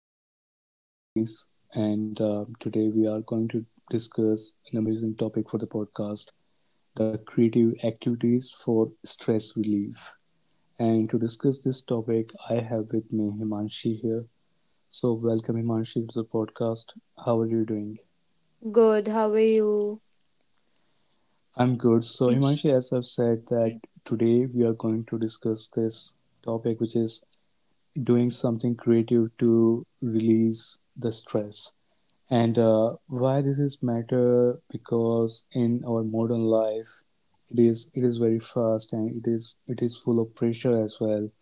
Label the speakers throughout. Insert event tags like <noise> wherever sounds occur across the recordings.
Speaker 1: everyone. Welcome back to the space. And Today we are going to discuss an amazing topic for the podcast, the creative activities for stress relief. And to discuss this topic, I have with me Himanshi here. So, welcome, Himanshi, to the podcast. How are you doing?
Speaker 2: Good, how are you?
Speaker 1: I'm good. So, Himanshi, as I've said, that today we are going to discuss this topic, which is doing something creative to release the stress. And why this is matter? Because in our modern life, it is very fast and it is full of pressure as well.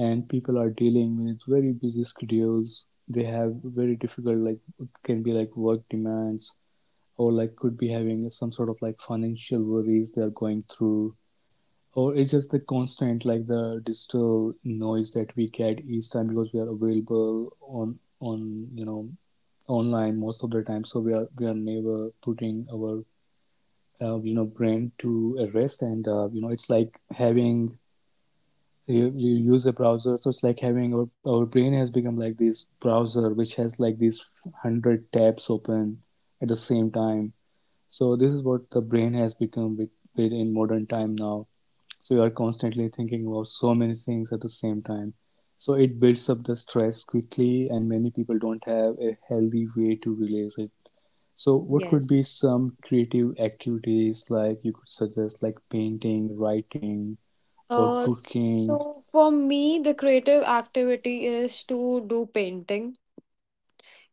Speaker 1: And people are dealing with very busy schedules. They have very difficult, like, can be like work demands, or like could be having some sort of like financial worries they are going through, or it's just the constant like the digital noise that we get each time because we are available on online most of the time, so we are never putting our you know, brain to a rest. And you know, it's like having, you use a browser, so it's like having our brain has become like this browser which has like these 100 tabs open at the same time. So this is what the brain has become with in modern time now. So you are constantly thinking about so many things at the same time, so it builds up the stress quickly and many people don't have a healthy way to release it. So what could be
Speaker 2: Yes.
Speaker 1: some creative activities like you could suggest, like painting, writing, or
Speaker 2: Uh,
Speaker 1: cooking?
Speaker 2: so for me, the creative activity is to do painting.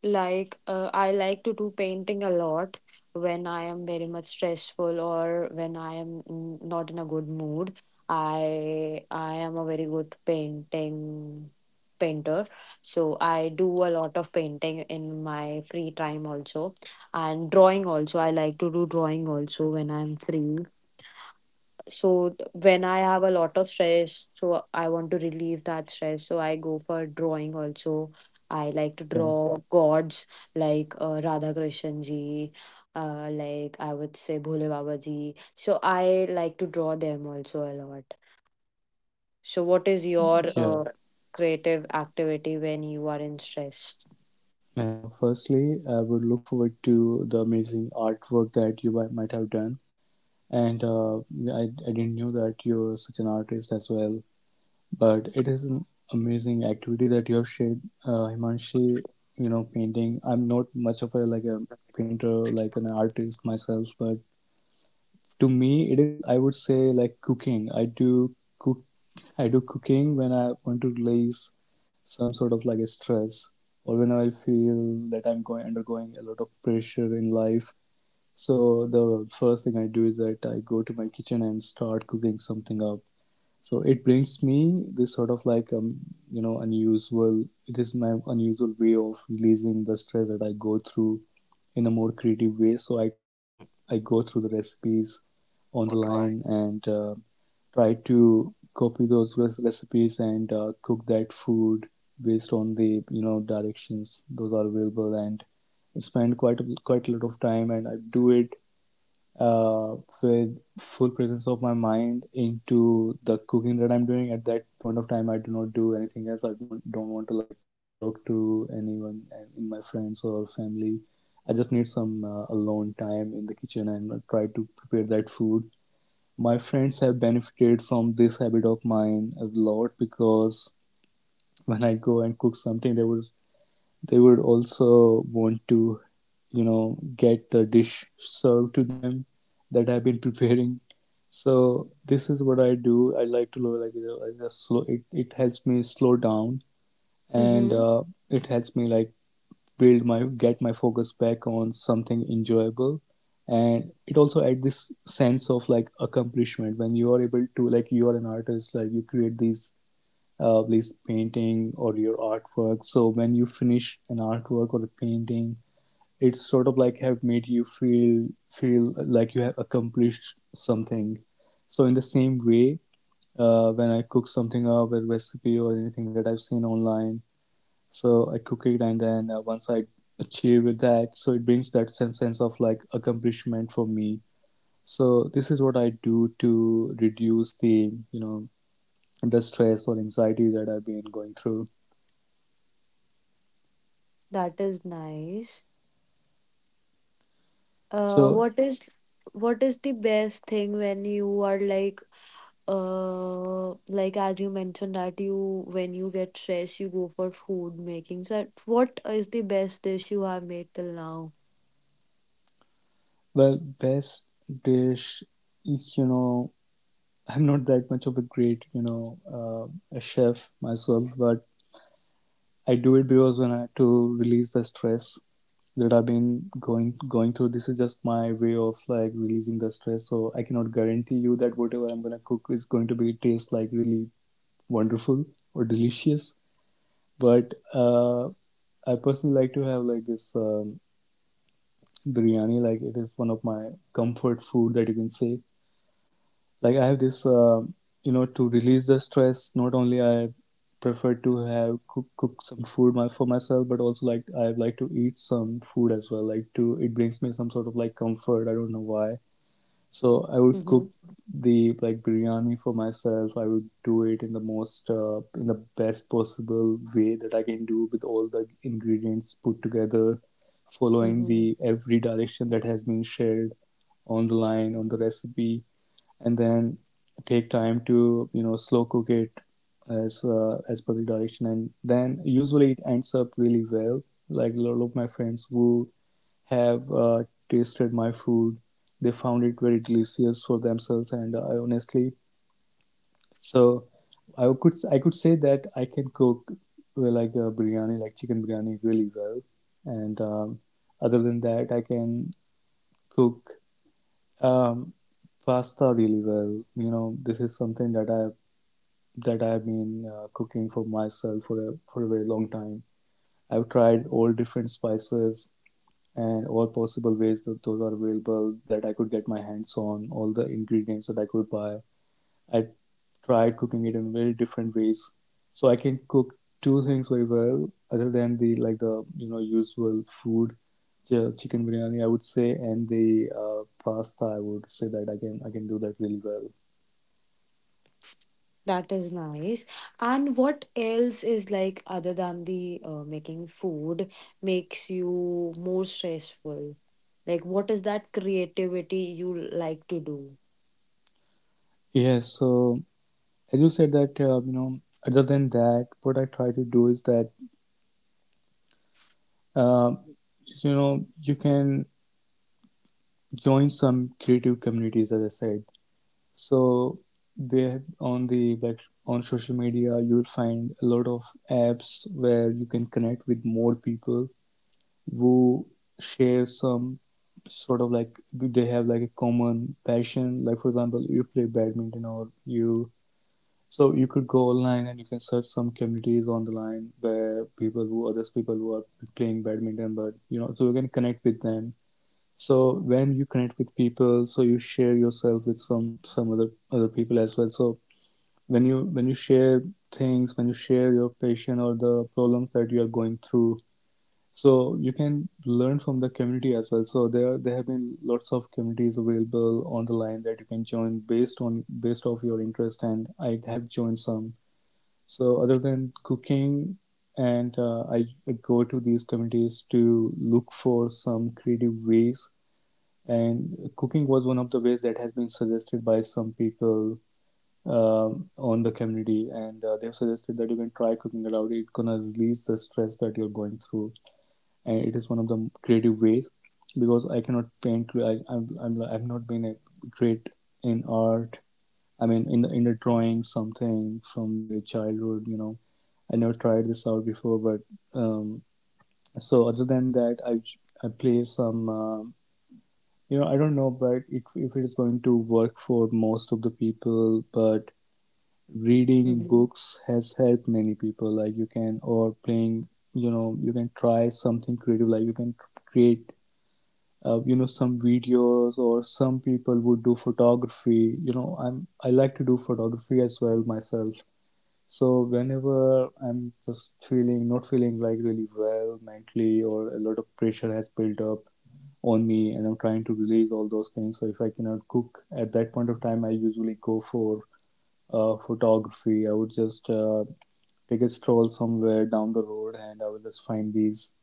Speaker 2: Like, I like to do painting a lot when I am very much stressful or when I am not in a good mood. I am a very good painting painter, so I do a lot of painting in my free time also, and drawing also. I like to do drawing also when I'm free. So when I have a lot of stress, so I want to relieve that stress. So I go for drawing also. I like to
Speaker 1: Okay.
Speaker 2: draw gods like Radha Krishan ji, like I would say Bhole Baba ji. So I like to draw them also a lot. So what is your
Speaker 1: Yeah.
Speaker 2: creative activity when you are in stress?
Speaker 1: Yeah, firstly I would look forward to the amazing artwork that you might have done. And I didn't know that you're such an artist as well, but it is an amazing activity that you have shared, Himanshi. You know, painting, I'm not much of a like a painter, like an artist myself, but to me it is, I would say, like cooking. I do cook. I do cooking when I want to release some sort of like a stress, or when I feel that I'm going, undergoing a lot of pressure in life. So the first thing I do is that I go to my kitchen and start cooking something up. So it brings me this sort of like, you know, unusual. It is my unusual way of releasing the stress that I go through in a more creative way. So I go through the recipes on the line,
Speaker 2: Mm-hmm.
Speaker 1: and try to copy those recipes, and cook that food based on the, you know, directions those are available. And I spend quite a lot of time, and I do it, uh, with full presence of my mind into the cooking that I'm doing. At that point of time, I do not do anything else. I want don't want to like talk to anyone in my friends or family. I just need some alone time in the kitchen, and try to prepare that food. My friends have benefited from this habit of mine a lot, because when I go and cook something, they would also want to, you know, get the dish served to them that I've been <laughs> preparing. So this is what I do. I like to, like, you know, I just slow. It helps me slow down, and it helps me like build my get my focus back on something enjoyable. And it also adds this sense of like accomplishment when you are able to, like, you are an artist, like you create these painting or your artwork. So when you finish an artwork or a painting, it's sort of like have made you feel like you have accomplished something. So in the same way, when I cook something up, a recipe or anything that I've seen online, so I cook it, and then once I achieve with that, so it brings that sense of like accomplishment for me. So this is what I do to reduce the, you know, the stress or anxiety that I've been going through.
Speaker 2: That is nice. Uh,
Speaker 1: So,
Speaker 2: what is what is the best thing when you are like, as you mentioned that you when you get stressed, you go for food making. So what is the best dish you have made till now?
Speaker 1: well, best dish, you know, I'm not that much of a great, you know, a chef myself, but I do it because when I to release the stress that I've been going through. This is just my way of like releasing the stress. So I cannot guarantee you that whatever I'm gonna cook is going to be taste like really wonderful or delicious. But I personally like to have like this biryani. Like, it is one of my comfort food that you can say. Like, I have this you know, to release the stress, not only I prefer to have cook some food for myself, but also like I like to eat some food as well, like to, it brings me some sort of like comfort. I don't know why. So I would
Speaker 2: Mm-hmm.
Speaker 1: cook the like biryani for myself. I would do it in the most in the best possible way that I can do, with all the ingredients put together, following
Speaker 2: Mm-hmm.
Speaker 1: the every direction that has been shared on the line, on the recipe, and then take time to, you know, slow cook it as per the direction, and then usually it ends up really well. Like, a lot of my friends who have tasted my food, they found it very delicious for themselves. And I honestly, so I could I could say that I can cook well, like a biryani, like chicken biryani really well. And other than that, I can cook, um, pasta really well. You know, this is something that I've been cooking for myself for for a very long time. I've tried all different spices and all possible ways that those are available, that I could get my hands on, all the ingredients that I could buy. I tried cooking it in very different ways. So I can cook two things very well, other than the like the, you know, usual food, chicken biryani I would say, and the pasta I would say, that I can do that really well.
Speaker 2: That is nice. And what else is, like, other than the making food, makes you more stressful? Like, what is that creativity you like to do?
Speaker 1: Yeah. So as you said that, you know, other than that, what I try to do is that, uh, you know, you can join some creative communities, as I said. So there on the like, on social media, you will find a lot of apps where you can connect with more people who share some sort of like, they have like a common passion, like for example you play badminton or you, so you could go online and you can search some communities on the line where people who, others, people who are playing badminton, but you know, so you can connect with them. So when you connect with people, so you share yourself with some other people as well. So when you share things, when you share your passion or the problems that you are going through, so you can learn from the community as well. So there have been lots of communities available on the line that you can join based on, based off your interest, and I have joined some. So other than cooking, and I go to these communities to look for some creative ways. And cooking was one of the ways that has been suggested by some people on the community, and they have suggested that you can try cooking aloud. It's gonna release the stress that you're going through, and it is one of the creative ways, because I cannot paint. I, I'm not being a great in art, I mean, in the drawing something from the childhood, you know, I never tried this out before. But um, so other than that, I play some, you know, I don't know, but if it is going to work for most of the people. But reading
Speaker 2: Mm-hmm.
Speaker 1: books has helped many people. Like, you can, or playing, you know, you can try something creative, like you can create. You know, some videos, or some people would do photography. You know, I like to do photography as well myself. So whenever I'm just feeling, not feeling like really well mentally, or a lot of pressure has built up on me and I'm trying to release all those things, so if I cannot cook at that point of time, I usually go for photography. I would just take a stroll somewhere down the road, and I will just find these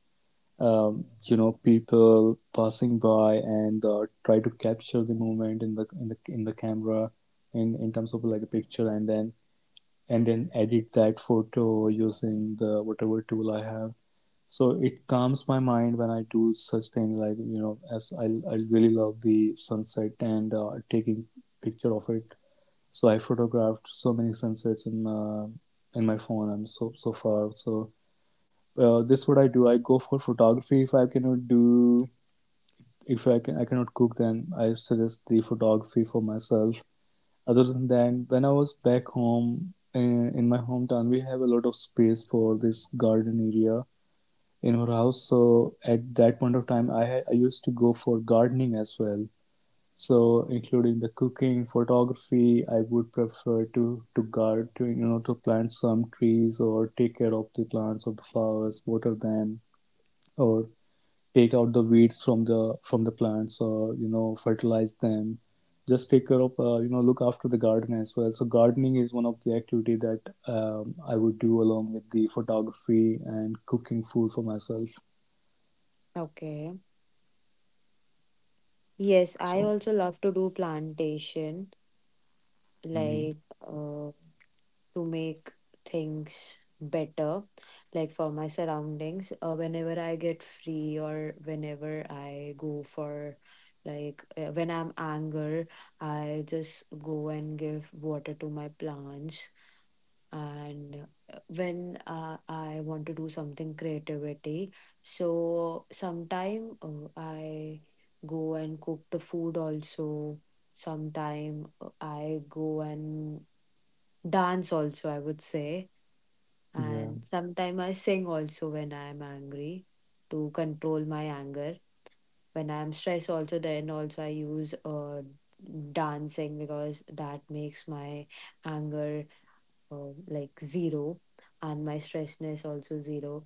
Speaker 1: people passing by and try to capture the moment in the camera, in terms of like a picture, and then edit that photo using the whatever tool I have. So it calms my mind when I do such thing, like as I really love the sunset and taking picture of it. So I photographed so many sunsets in my phone, I'm so far so. This is what I do. I go for photography. If I cannot do, if I can, I cannot cook, then I suggest the photography for myself. Other than that, when I was back home in my hometown, we have a lot of space for this garden area in our house. So at that point of time, I used to go for gardening as well. So including the cooking, photography, I would prefer to you know to plant some trees, or take care of the plants or the flowers, water them, or take out the weeds from the plants, or you know fertilize them, just take care of you know look after the garden as well. So gardening is one of the activity that I would do along with the photography and cooking food for myself.
Speaker 2: Okay. Yes, I
Speaker 1: So
Speaker 2: also love to do plantation.
Speaker 1: mm,
Speaker 2: Like, uh. To make things better, like for my surroundings, whenever I get free or whenever I go for, when I'm anger, I just go and give water to my plants. And when I want to do something creativity, so sometime I go and cook the food also, sometime I go and dance also, I would say,
Speaker 1: yeah.
Speaker 2: and sometimes I sing also when I am angry to control my anger. When I am stressed, also, then also I use dancing, because that makes my anger like zero and my stressness also zero.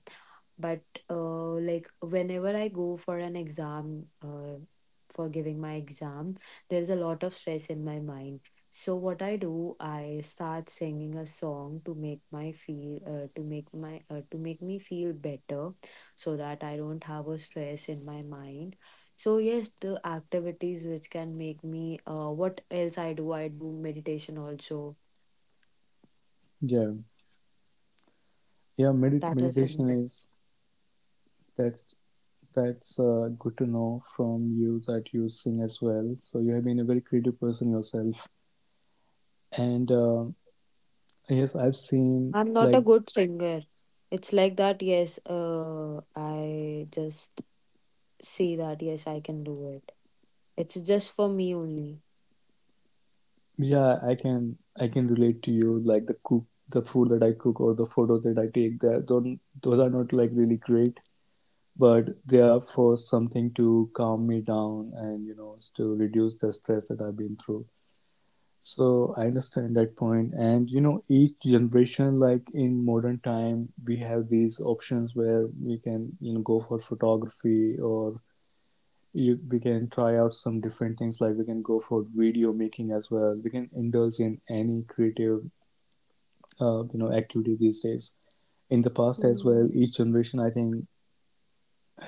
Speaker 2: But like whenever I go for an exam, for giving my exam, there's a lot of stress in my mind. So what I do, I start singing a song to make my feel, to make my to make me feel better, so that I don't have a stress in my mind. So yes, the activities which can make me, what else I do, I do meditation also.
Speaker 1: Yeah, yeah,
Speaker 2: That is something.
Speaker 1: meditation is, that's that's good to know from you that you sing as well, so you have been a very creative person yourself. And yes, I've seen
Speaker 2: I'm not
Speaker 1: like,
Speaker 2: a good singer. It's like that. Yes, I just see that, yes, I can do it. It's just for me only.
Speaker 1: yeah, I can relate to you. Like the cook, the food that I cook or the photos that I take, that don't, those are not like really great, but they are for something to calm me down and you know to reduce the stress that I've been through. So I understand that point. And you know, each generation, like in modern time we have these options where we can, you know, go for photography, or you we can try out some different things, like we can go for video making as well. We can indulge in any creative you know activity these days. In the past as well,
Speaker 2: Hmm.
Speaker 1: each generation, I think,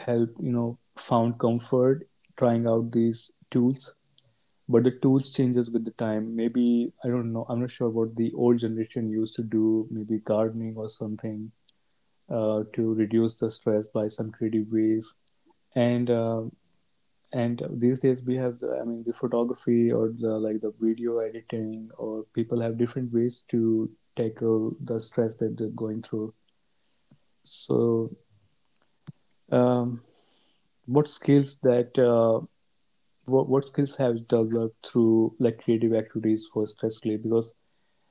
Speaker 1: help you know found comfort trying out these tools. But the tools changes with the time. Maybe I don't know, I'm not sure what the old generation used to do, maybe gardening or something, to reduce the stress by some creative ways. And these days we have the, I mean the photography or the like the video editing, or people have different ways to tackle the stress that they're going through. So um, what skills that what skills have you developed through like creative activities for stress relief? Because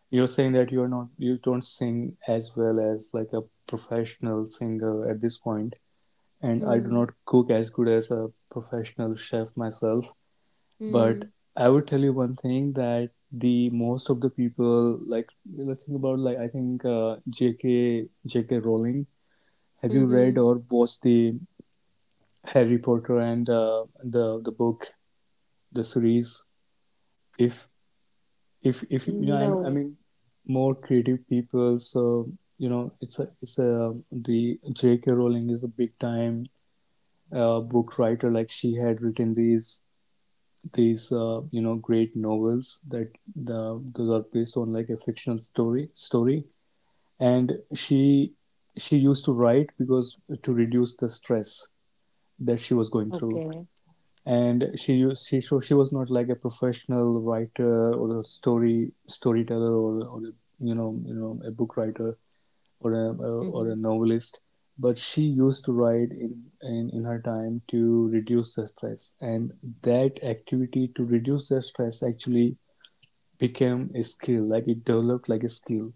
Speaker 1: you're saying that you're not, you don't sing as well as like a professional singer at this point, and I do not
Speaker 2: Hmm.
Speaker 1: cook as good as a professional chef myself. But
Speaker 2: Hmm.
Speaker 1: I would tell you one thing, that the most of the people, like let's think about, like I think J.K. Rowling. Have you read
Speaker 2: Mm-hmm.
Speaker 1: or watched the Harry Potter and the book, the series? If if you know, I
Speaker 2: No.
Speaker 1: mean more creative people. So you know, it's a, it's a the J.K. Rowling is a big time book writer. Like she had written these you know great novels, that the, those are based on like a fictional story. And she used to write because to reduce the stress that she was going through.
Speaker 2: Okay.
Speaker 1: And she, so she was not like a professional writer, or a storyteller, or you know a book writer, or a, or
Speaker 2: Mm-hmm.
Speaker 1: a novelist, but she used to write in her time to reduce the stress. And that activity to reduce the stress actually became a skill. Like it developed like a skill.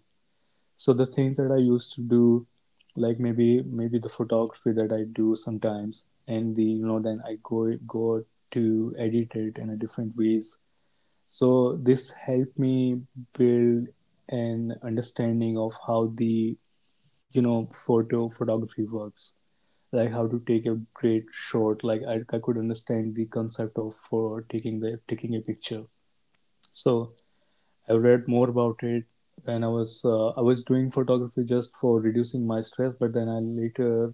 Speaker 1: So the things that I used to do, like maybe the photography that I do sometimes, and the you know then I go to edit it in a different ways. So this helped me build an understanding of how the you know photography works, like how to take a great shot. Like I could understand the concept of for taking the taking a picture. So I read more about it, and I was I was doing photography just for reducing my stress, but then I later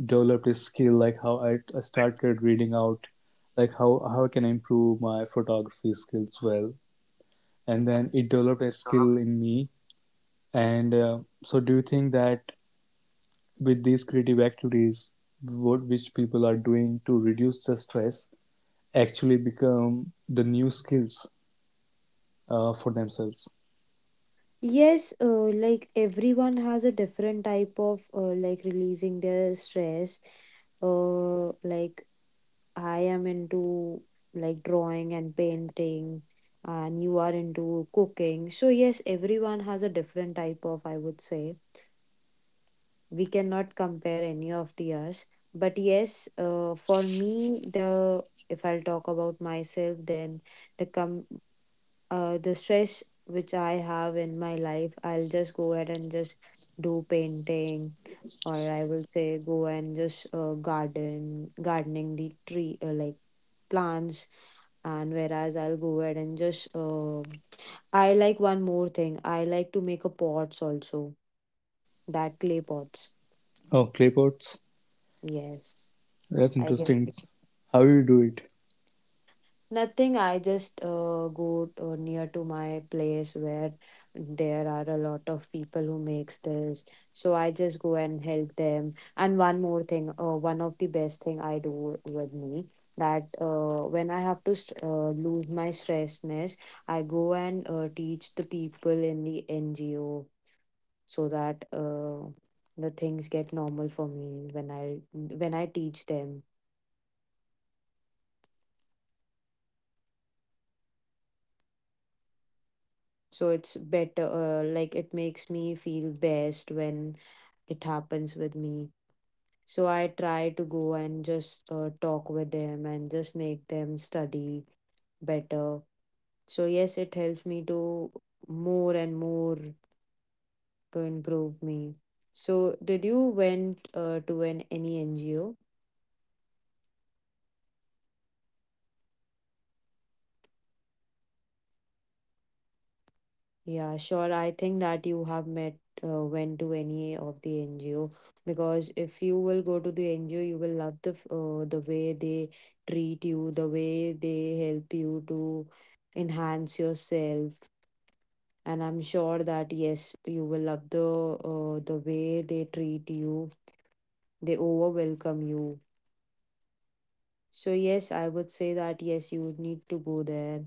Speaker 1: developed a skill. Like how I started reading out like how can I improve my photography skills well, and then it developed a skill in me. And so do you think that with these creative activities what which people are doing to reduce the stress actually become the new skills for themselves?
Speaker 2: Yes, like everyone has a different type of, like releasing their stress. Like, I am into like drawing and painting, and you are into cooking. So yes, everyone has a different type of, I would say. We cannot compare any of the us. But yes, for me, the if I'll talk about myself, then the com the stress which I have in my life, I'll just go ahead and just do painting, or I will say go and just garden, gardening the tree, like plants. And whereas I'll go ahead and just, I like one more thing. I like to make a pots also, that clay pots.
Speaker 1: Oh, clay pots,
Speaker 2: Yes,
Speaker 1: that's
Speaker 2: I get.
Speaker 1: interesting, how do you do it?
Speaker 2: Nothing. I just go near to my place where there are a lot of people who makes this. So I just go and help them. And one more thing, one of the best thing I do with me, that when I have to lose my stressness, I go and teach the people in the NGO, so that the things get normal for me when I teach them. So it's better, like it makes me feel best when it happens with me. So I try to go and just talk with them and just make them study better. So yes, it helps me to more and more to improve me. So, did you went to an any NGO? Yeah, sure. I think that you have met, went to any of the NGO, because if you will go to the NGO, you will love the the way they treat you, the way they help you to enhance yourself, and I'm sure that yes, you will love the way they treat you. They over welcome you. So yes, I would say that yes, you would need to go there